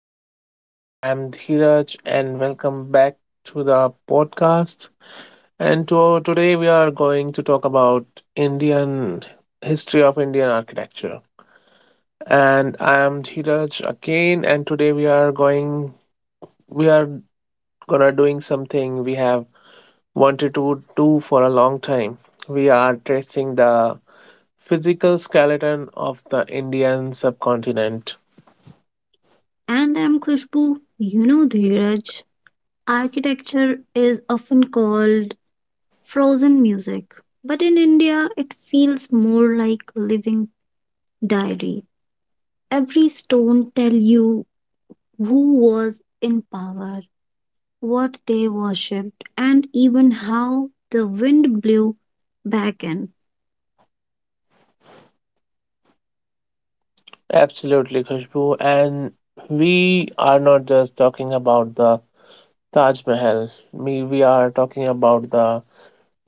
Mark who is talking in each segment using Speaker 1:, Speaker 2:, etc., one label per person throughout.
Speaker 1: everyone. I am Dhiraj, and welcome back to the podcast. And today, we are going to talk about Indian history of Indian architecture. And I am Dhiraj again, and today we are gonna doing something we have wanted to do for a long time. We are tracing the physical skeleton of the Indian subcontinent.
Speaker 2: And I'm Khushbu. Dheeraj, architecture is often called frozen music, but in India, it feels more like living diary. Every stone tell you who was in power, what they worshipped, and even how the wind blew back in.
Speaker 1: Absolutely, Khushbu. And we are not just talking about the Taj Mahal. We are talking about the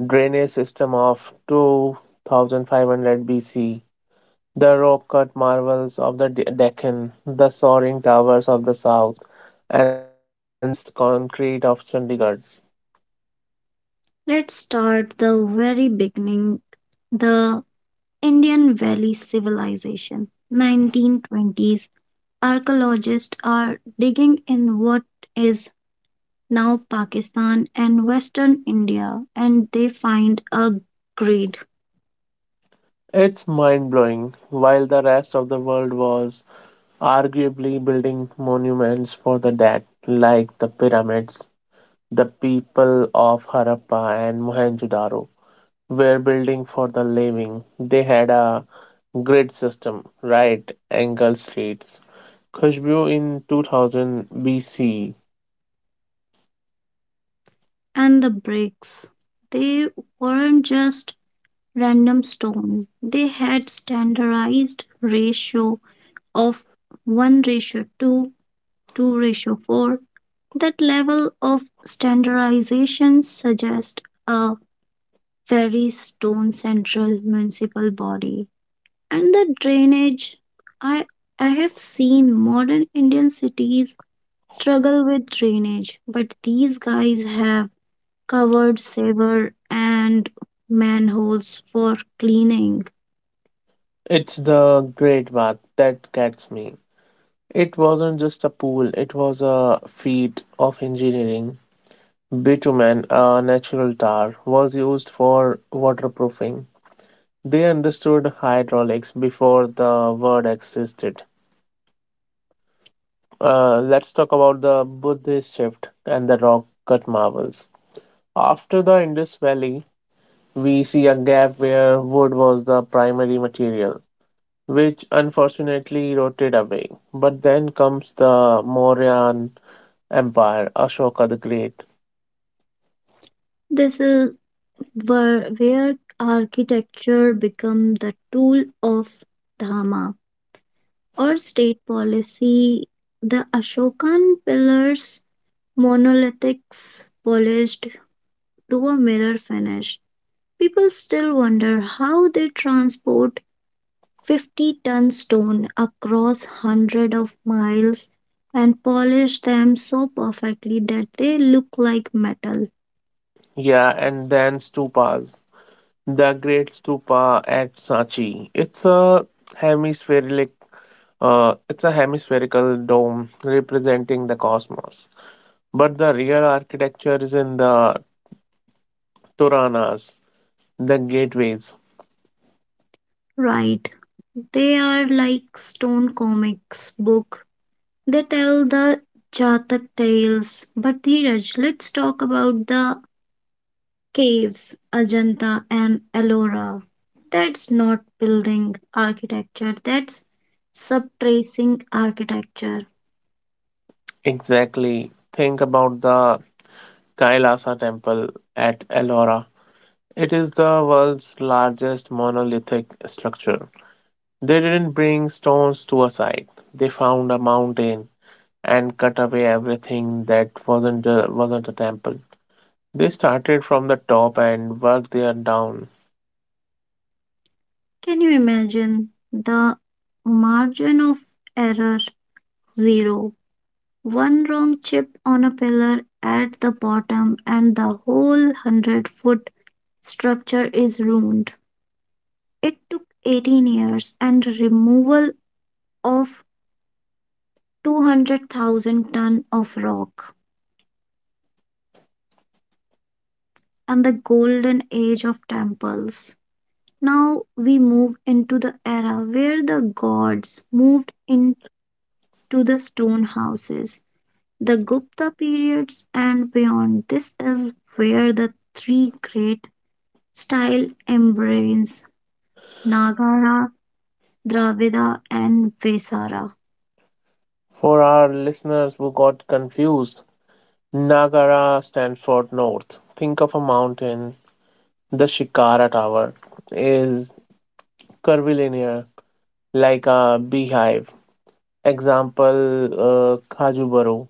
Speaker 1: drainage system of 2500 BC, the rock-cut marvels of the Deccan, the soaring towers of the south, and the brutalist concrete of Chandigarh.
Speaker 2: Let's start the very beginning, the Indian Valley Civilization, 1920s. Archaeologists are digging in what is now Pakistan and Western India, and they find a grid
Speaker 1: It's mind-blowing. While the rest of the world was arguably building monuments for the dead, like the pyramids, the people of Harappa and Mohenjo-daro were building for the living. They had a grid system, right angle streets. Khushbu in 2000 BC.
Speaker 2: and the bricks. They weren't just random stone, they had standardized ratio of 1 ratio 2, 2 ratio 4. That level of standardization suggests a very stone central municipal body. And the drainage, I I have seen modern Indian cities struggle with drainage, but these guys have covered sewer and manholes for cleaning.
Speaker 1: It's the great bath that gets me. It wasn't just a pool, it was a feat of engineering. Bitumen, a natural tar, was used for waterproofing. They understood hydraulics before the word existed. Let's talk about the Buddhist shift and the rock cut marvels. After the Indus Valley, we see a gap where wood was the primary material, which unfortunately eroded away. But then comes the Mauryan Empire, Ashoka the Great.
Speaker 2: This is where architecture become the tool of dharma or state policy. The Ashokan pillars monolithics polished to a mirror finish. People still wonder how they transport 50-ton stone across hundreds of miles and polish them so perfectly that they look like metal.
Speaker 1: Yeah, and then stupas. The Great Stupa at Sanchi. It's a hemispheric, it's a hemispherical dome representing the cosmos. But the real architecture is in the Turanas, the gateways.
Speaker 2: Right. They are like stone comics book. They tell the Jatak tales. But Dheeraj, let's talk about the caves, Ajanta and Ellora. That's not building architecture, that's subtracing architecture.
Speaker 1: Exactly. Think about the Kailasa temple at Ellora. It is the world's largest monolithic structure. They didn't bring stones to a site. They found a mountain and cut away everything that wasn't a temple. They started from the top and worked their down.
Speaker 2: Can you imagine the margin of error? Zero. One wrong chip on a pillar at the bottom, and the whole 100-foot structure is ruined. It took 18 years and removal of 200,000 ton of rock. And the golden age of temples. Now we move into the era where the gods moved into the stone houses, the Gupta periods, and beyond. This is where the three great style embrace Nagara, Dravida, and Vesara.
Speaker 1: For our listeners who got confused, Nagara stands for north. Think of a mountain. The Shikara Tower is curvilinear, like a beehive. Example, Khajubaru.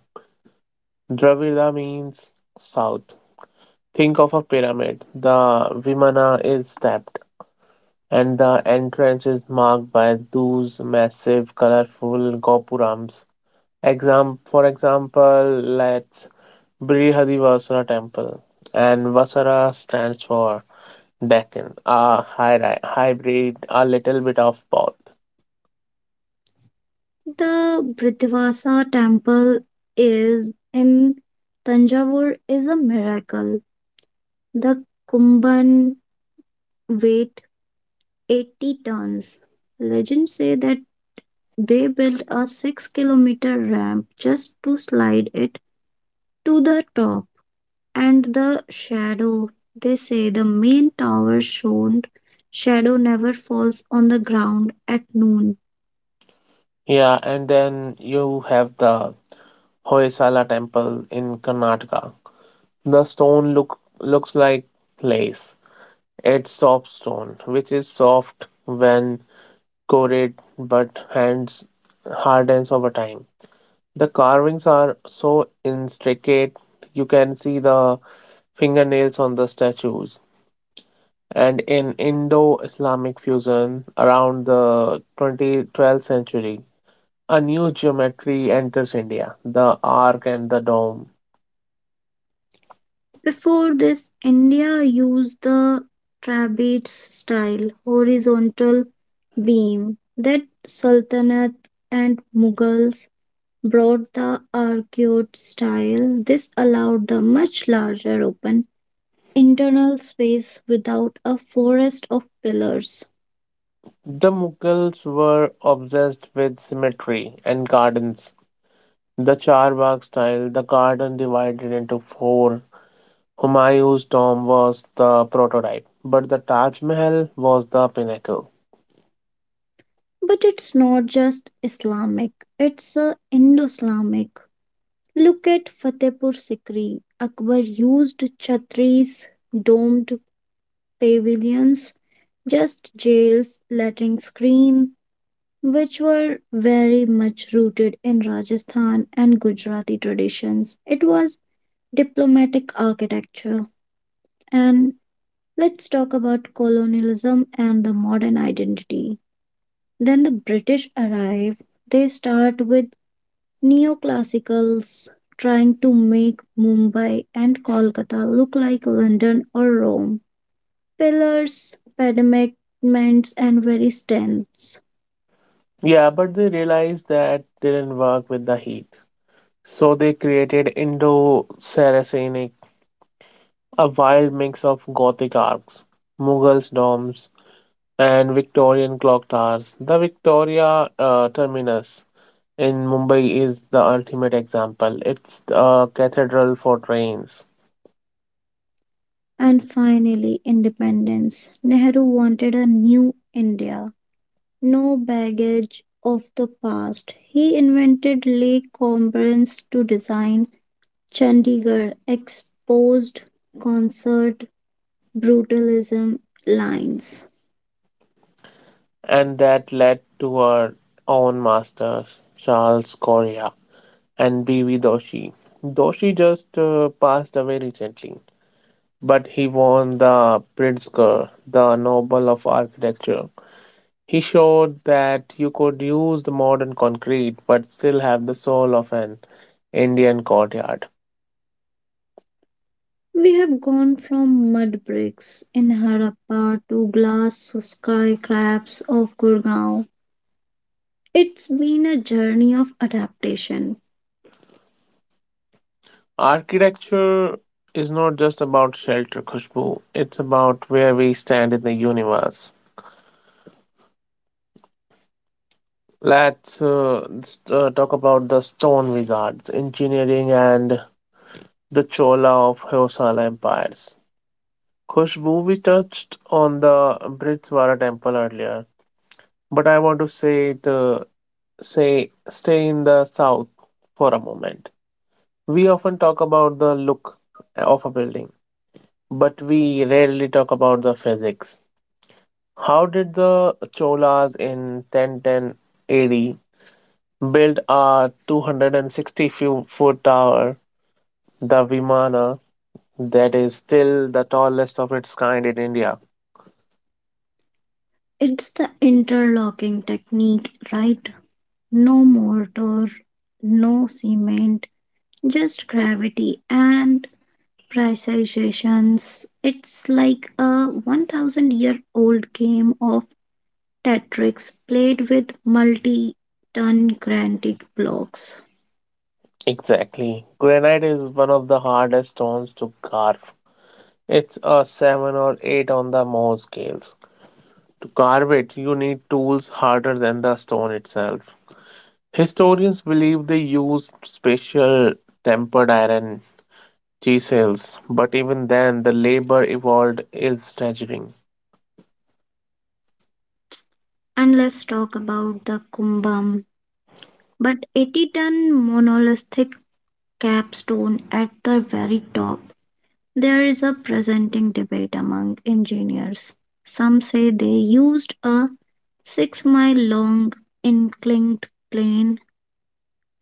Speaker 1: Dravida means south. Think of a pyramid. The Vimana is stepped, and the entrance is marked by those massive, colorful gopurams. Exam, for example, let's Brihadivasara Temple, and Vasara stands for Deccan, a hybrid, a little bit of both.
Speaker 2: The Brihdivasa temple is in Tanjavur is a miracle. The Kumban weight 80 tons. Legends say that they built a 6-kilometer ramp just to slide it to the top. And the shadow, they say the main tower shone. Shadow never falls on the ground at noon.
Speaker 1: Yeah, and then you have the Hoysala temple in Karnataka. The stone looks like lace. It's soft stone, which is soft when coated but hands hardens over time. The carvings are so intricate you can see the fingernails on the statues. And in Indo-Islamic fusion around the 2012th century, a new geometry enters India, the arc and the dome.
Speaker 2: Before this, India used the trapeze style horizontal beam that Sultanate and Mughals brought the arcade style. This allowed the much larger open internal space without a forest of pillars.
Speaker 1: The Mughals were obsessed with symmetry and gardens. The Charbagh style, the garden divided into four. Humayun's dome was the prototype, but the Taj Mahal was the pinnacle.
Speaker 2: But it's not just Islamic, it's Indo Islamic. Look at Fatehpur Sikri. Akbar used chhatris, domed pavilions, just jails, lettering screen, which were very much rooted in Rajasthan and Gujarati traditions. It was diplomatic architecture, and let's talk about colonialism and the modern identity. Then the British arrive, they start with neoclassicals trying to make Mumbai and Kolkata look like London or Rome. Pillars, pediments, and very stems.
Speaker 1: Yeah, but they realized that didn't work with the heat. So they created Indo-Saracenic, a wild mix of Gothic arcs, Mughal domes, and Victorian clock towers. The Victoria Terminus in Mumbai is the ultimate example. It's a cathedral for trains,
Speaker 2: And finally, independence. Nehru wanted a new India no baggage of the past. He invented Lake Conference to design Chandigarh, exposed concert brutalism lines.
Speaker 1: and that led to our own masters, Charles Correa and B.V. Doshi. Doshi just passed away recently, but he won the Pritzker, the Nobel of Architecture. He showed that you could use the modern concrete but still have the soul of an Indian courtyard.
Speaker 2: We have gone from mud bricks in Harappa to glass skyscrapers of Gurgaon. It's been a journey of adaptation.
Speaker 1: Architecture is not just about shelter, Khushbu, it's about where we stand in the universe. Let's talk about the stone wizards, engineering, and the Chola of Hoysala empires. Khushbu, we touched on the Britswara temple earlier, but I want to say it say stay in the south for a moment. We often talk about the look of a building, but we rarely talk about the physics. How did the Cholas in 1010 AD build a 260 foot tower, the Vimana, that is still the tallest of its kind in India?
Speaker 2: It's the interlocking technique, right? No mortar, no cement, just gravity and precisations. It's like a 1,000 year old game of Tetris played with multi ton granite blocks.
Speaker 1: Exactly. Granite is one of the hardest stones to carve. It's a 7 or 8 on the Mohs scales. To carve it, you need tools harder than the stone itself. Historians believe they used special tempered iron chisels, but even then, the labor involved is staggering.
Speaker 2: And let's talk about the Kumbham, but 80-ton monolithic capstone at the very top. There is a presenting debate among engineers. Some say they used a 6-mile long inclined plane.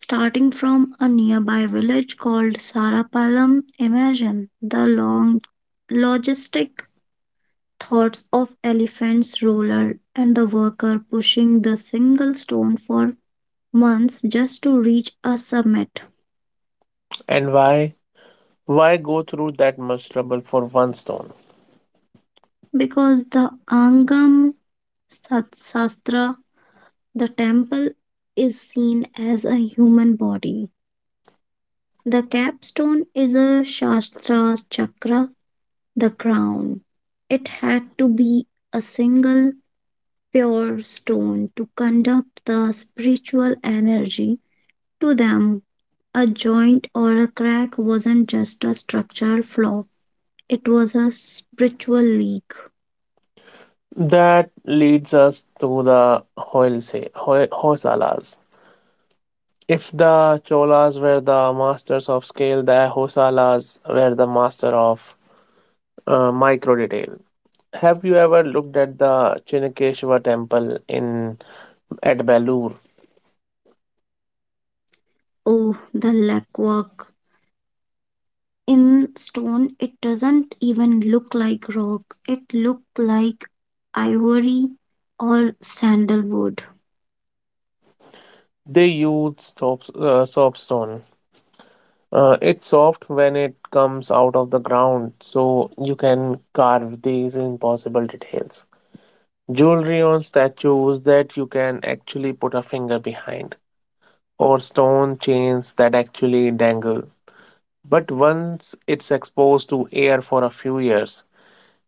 Speaker 2: Starting from a nearby village called Sarapalam, imagine the long logistic thoughts of elephant's roller and the worker pushing the single stone for months just to reach a summit
Speaker 1: And why? Why go through that much trouble for one stone?
Speaker 2: because the Angam Sat- Sastra, the temple, is seen as a human body. The capstone is a Shastra Chakra, the crown. It had to be a single pure stone to conduct the spiritual energy to them. A joint or a crack wasn't just a structural flaw, it was a spiritual leak.
Speaker 1: That leads us to the Hoysalas. If the Cholas were the masters of scale, the Hoysalas were the master of micro detail. Have you ever looked at the Chinnakeshwar temple in at Belur?
Speaker 2: Oh, the lackwork. In stone, it doesn't even look like rock, it looked like ivory or sandalwood.
Speaker 1: They use soapstone. It's soft when it comes out of the ground, so you can carve these impossible details. Jewelry on statues that you can actually put a finger behind, or stone chains that actually dangle. But once it's exposed to air for a few years,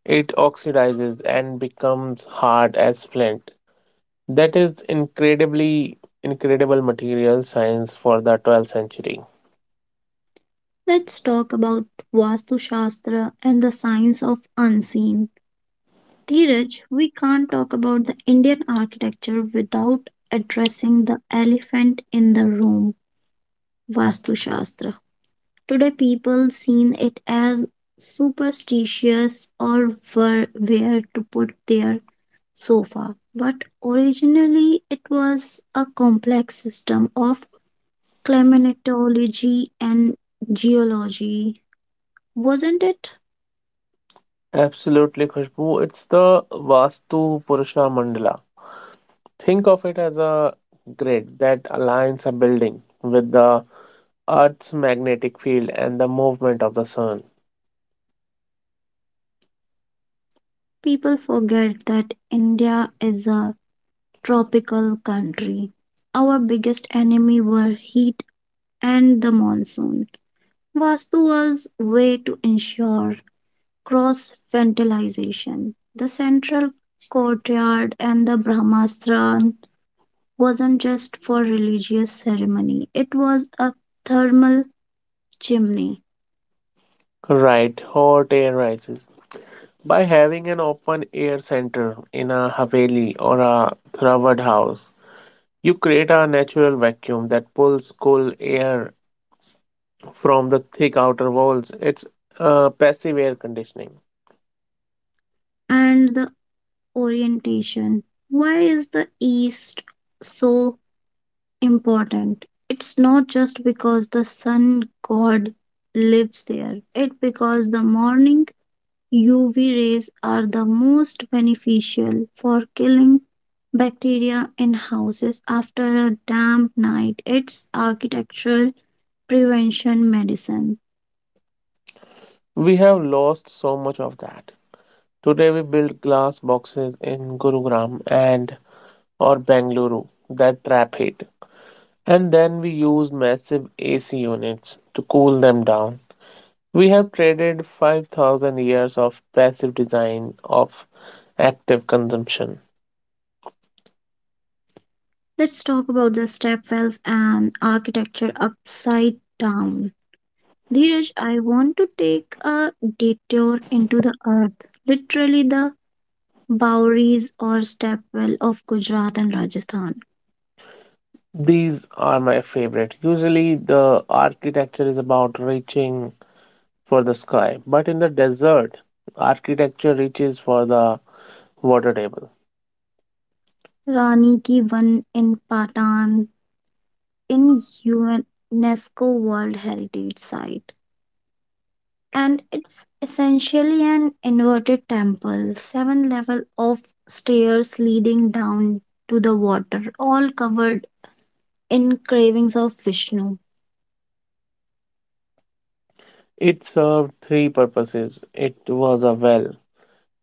Speaker 1: it oxidizes and becomes hard as flint. That is incredibly incredible material science for the 12th century.
Speaker 2: Let's talk about Vastu Shastra and the science of unseen. Dheeraj, we can't talk about the Indian architecture without addressing the elephant in the room, Vastu Shastra. Today, people seen it as superstitious or were where to put their sofa, but originally it was a complex system of climatology and geology, wasn't it?
Speaker 1: Absolutely, Khushbu. It's the Vastu Purusha Mandala. Think of it as a grid that aligns a building with the Earth's magnetic field and the movement of the sun.
Speaker 2: People forget that India is a tropical country. Our biggest enemy were heat and the monsoon. Vastu was way to ensure cross fertilization. The central courtyard and the Brahmasthan wasn't just for religious ceremony, it was a thermal chimney.
Speaker 1: Right, hot air rises. By having an open air center in a haveli or a Thravad house, you create a natural vacuum that pulls cool air from the thick outer walls. It's passive air conditioning.
Speaker 2: And the orientation. Why is the east so important? It's not just because the sun god lives there, it's because the morning UV rays are the most beneficial for killing bacteria in houses after a damp night. It's architectural prevention medicine.
Speaker 1: We have lost so much of that. Today we build glass boxes in Gurugram and or Bengaluru that trap heat. And then we use massive AC units to cool them down. We have traded 5000 years of passive design of active consumption.
Speaker 2: Let's talk about the stepwells and architecture upside down. Dheeraj, I want to take a detour into the earth, literally the Bowries or Stepwell of Gujarat and Rajasthan,
Speaker 1: These are my favorite. Usually the architecture is about reaching for the sky, but in the desert, architecture reaches for the water table.
Speaker 2: Rani Ki Van in Patan in UNESCO World Heritage Site. And it's essentially an inverted temple, seven level of stairs leading down to the water, all covered in carvings of Vishnu.
Speaker 1: It served three purposes, it was a well,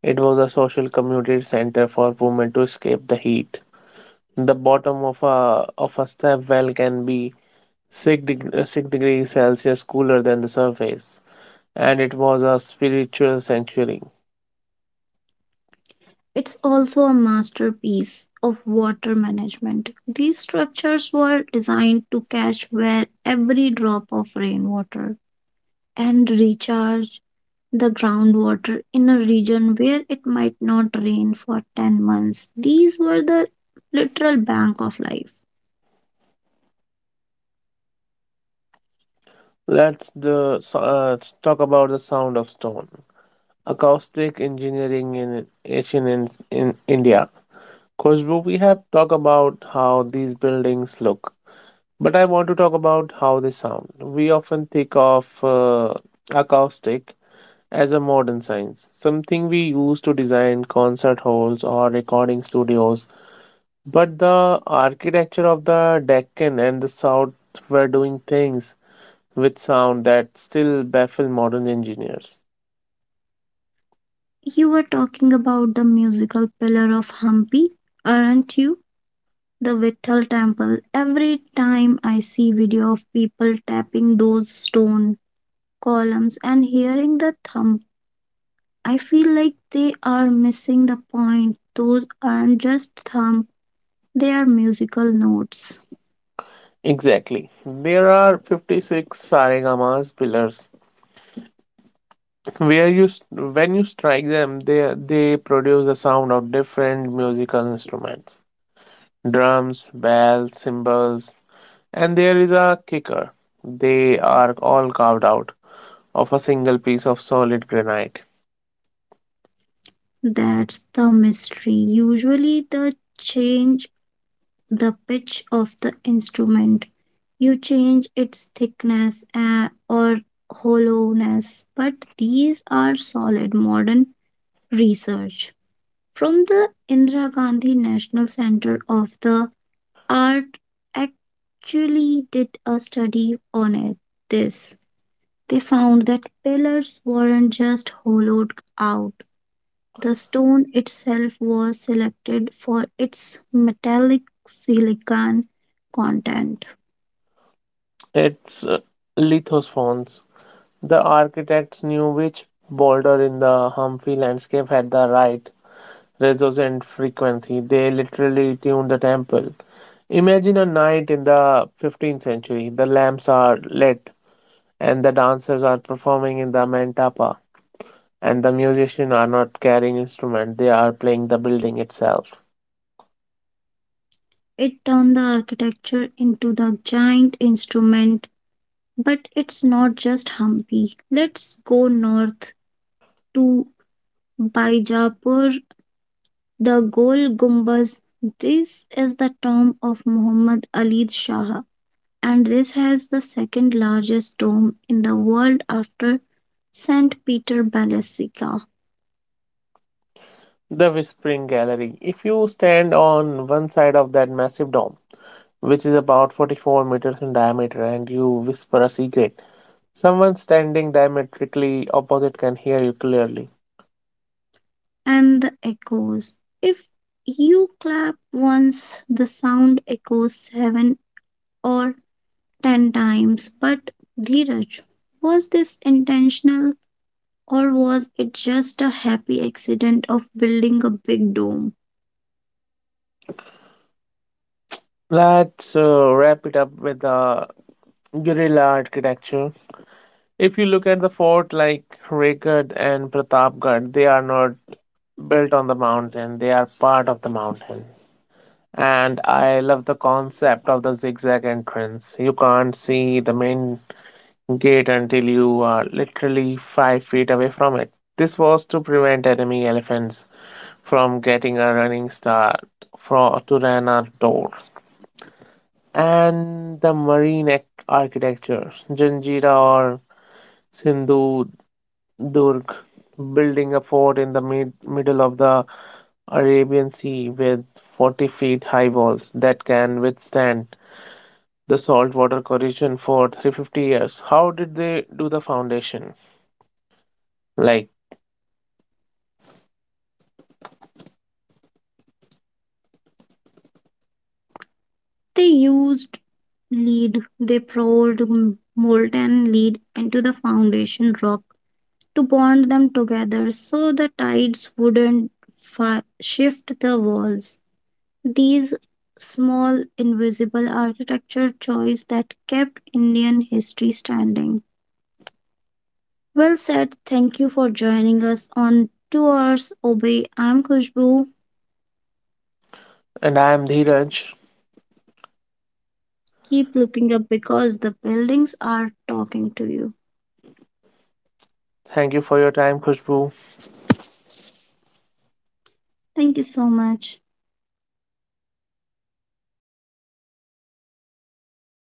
Speaker 1: it was a social community center for women to escape the heat. The bottom of a step well can be 6 degrees Celsius cooler than the surface, and it was a spiritual sanctuary.
Speaker 2: It's also a masterpiece of water management. These structures were designed to catch where every drop of rainwater and recharge the groundwater in a region where it might not rain for 10 months. These were the literal bank of life.
Speaker 1: So, let's talk about the sound of stone. Acoustic engineering in ancient in India. Khushbu, we have talked about how these buildings look, but I want to talk about how they sound. We often think of acoustic as a modern science, something we use to design concert halls or recording studios. But the architecture of the Deccan and the South were doing things with sound that still baffle modern engineers.
Speaker 2: You were talking about the musical pillar of Hampi, aren't you? The Vithal temple. Every time I see video of people tapping those stone columns and hearing the thump, I feel like they are missing the point. Those aren't just thump, they are musical notes.
Speaker 1: Exactly. There are 56 Saregamas pillars where when you strike them they produce the sound of different musical instruments, drums, bells, cymbals. And there is a kicker, they are all carved out of a single piece of solid granite.
Speaker 2: That's the mystery. Usually, the change the pitch of the instrument. You change its thickness or hollowness, but these are solid modern research. From the Indira Gandhi National Center of the Art actually did a study on it. This they found that pillars weren't just hollowed out the stone itself was selected for its metallic silicon content.
Speaker 1: It's lithophones. The architects knew which boulder in the Humphrey landscape had the right resonant frequency. They literally tune the temple. Imagine a night in the 15th century. The lamps are lit, and the dancers are performing in the mantapa. And the musicians are not carrying instrument; they are playing the building itself.
Speaker 2: It turned the architecture into the giant instrument, but it's not just Hampi. Let's go north to Bijapur, the Gol Gumbaz. This is the tomb of Muhammad Ali Shah, and this has the second largest tomb in the world after St. Peter Basilica.
Speaker 1: The Whispering Gallery. If you stand on one side of that massive dome, which is about 44 meters in diameter, and you whisper a secret, someone standing diametrically opposite can hear you clearly.
Speaker 2: And the echoes. If you clap once, the sound echoes seven or 10 times. But Dheeraj, was this intentional or was it just a happy accident of building a big dome?
Speaker 1: Let's wrap it up with the guerrilla architecture. If you look at the fort like Raigarh and Pratapgarh, they are not built on the mountain, they are part of the mountain. And I love the concept of the zigzag entrance. You can't see the main gate until you are literally 5 feet away from it. This was to prevent enemy elephants from getting a running start for to run our door. And the marine architecture, Janjira or Sindhu Durg, building a fort in the middle of the Arabian Sea with 40 feet high walls that can withstand the saltwater corrosion for 350 years. How did they do the foundation? Like,
Speaker 2: They used lead, they poured molten lead into the foundation rock to bond them together so the tides wouldn't shift the walls. These small invisible architecture choice that kept Indian history standing. Well said. Thank you for joining us on 2 hours obey. I'm Kushbu.
Speaker 1: and I am Dheeraj.
Speaker 2: Keep looking up because the buildings are talking to you.
Speaker 1: Thank you for your time, Khushbu.
Speaker 2: Thank you so much.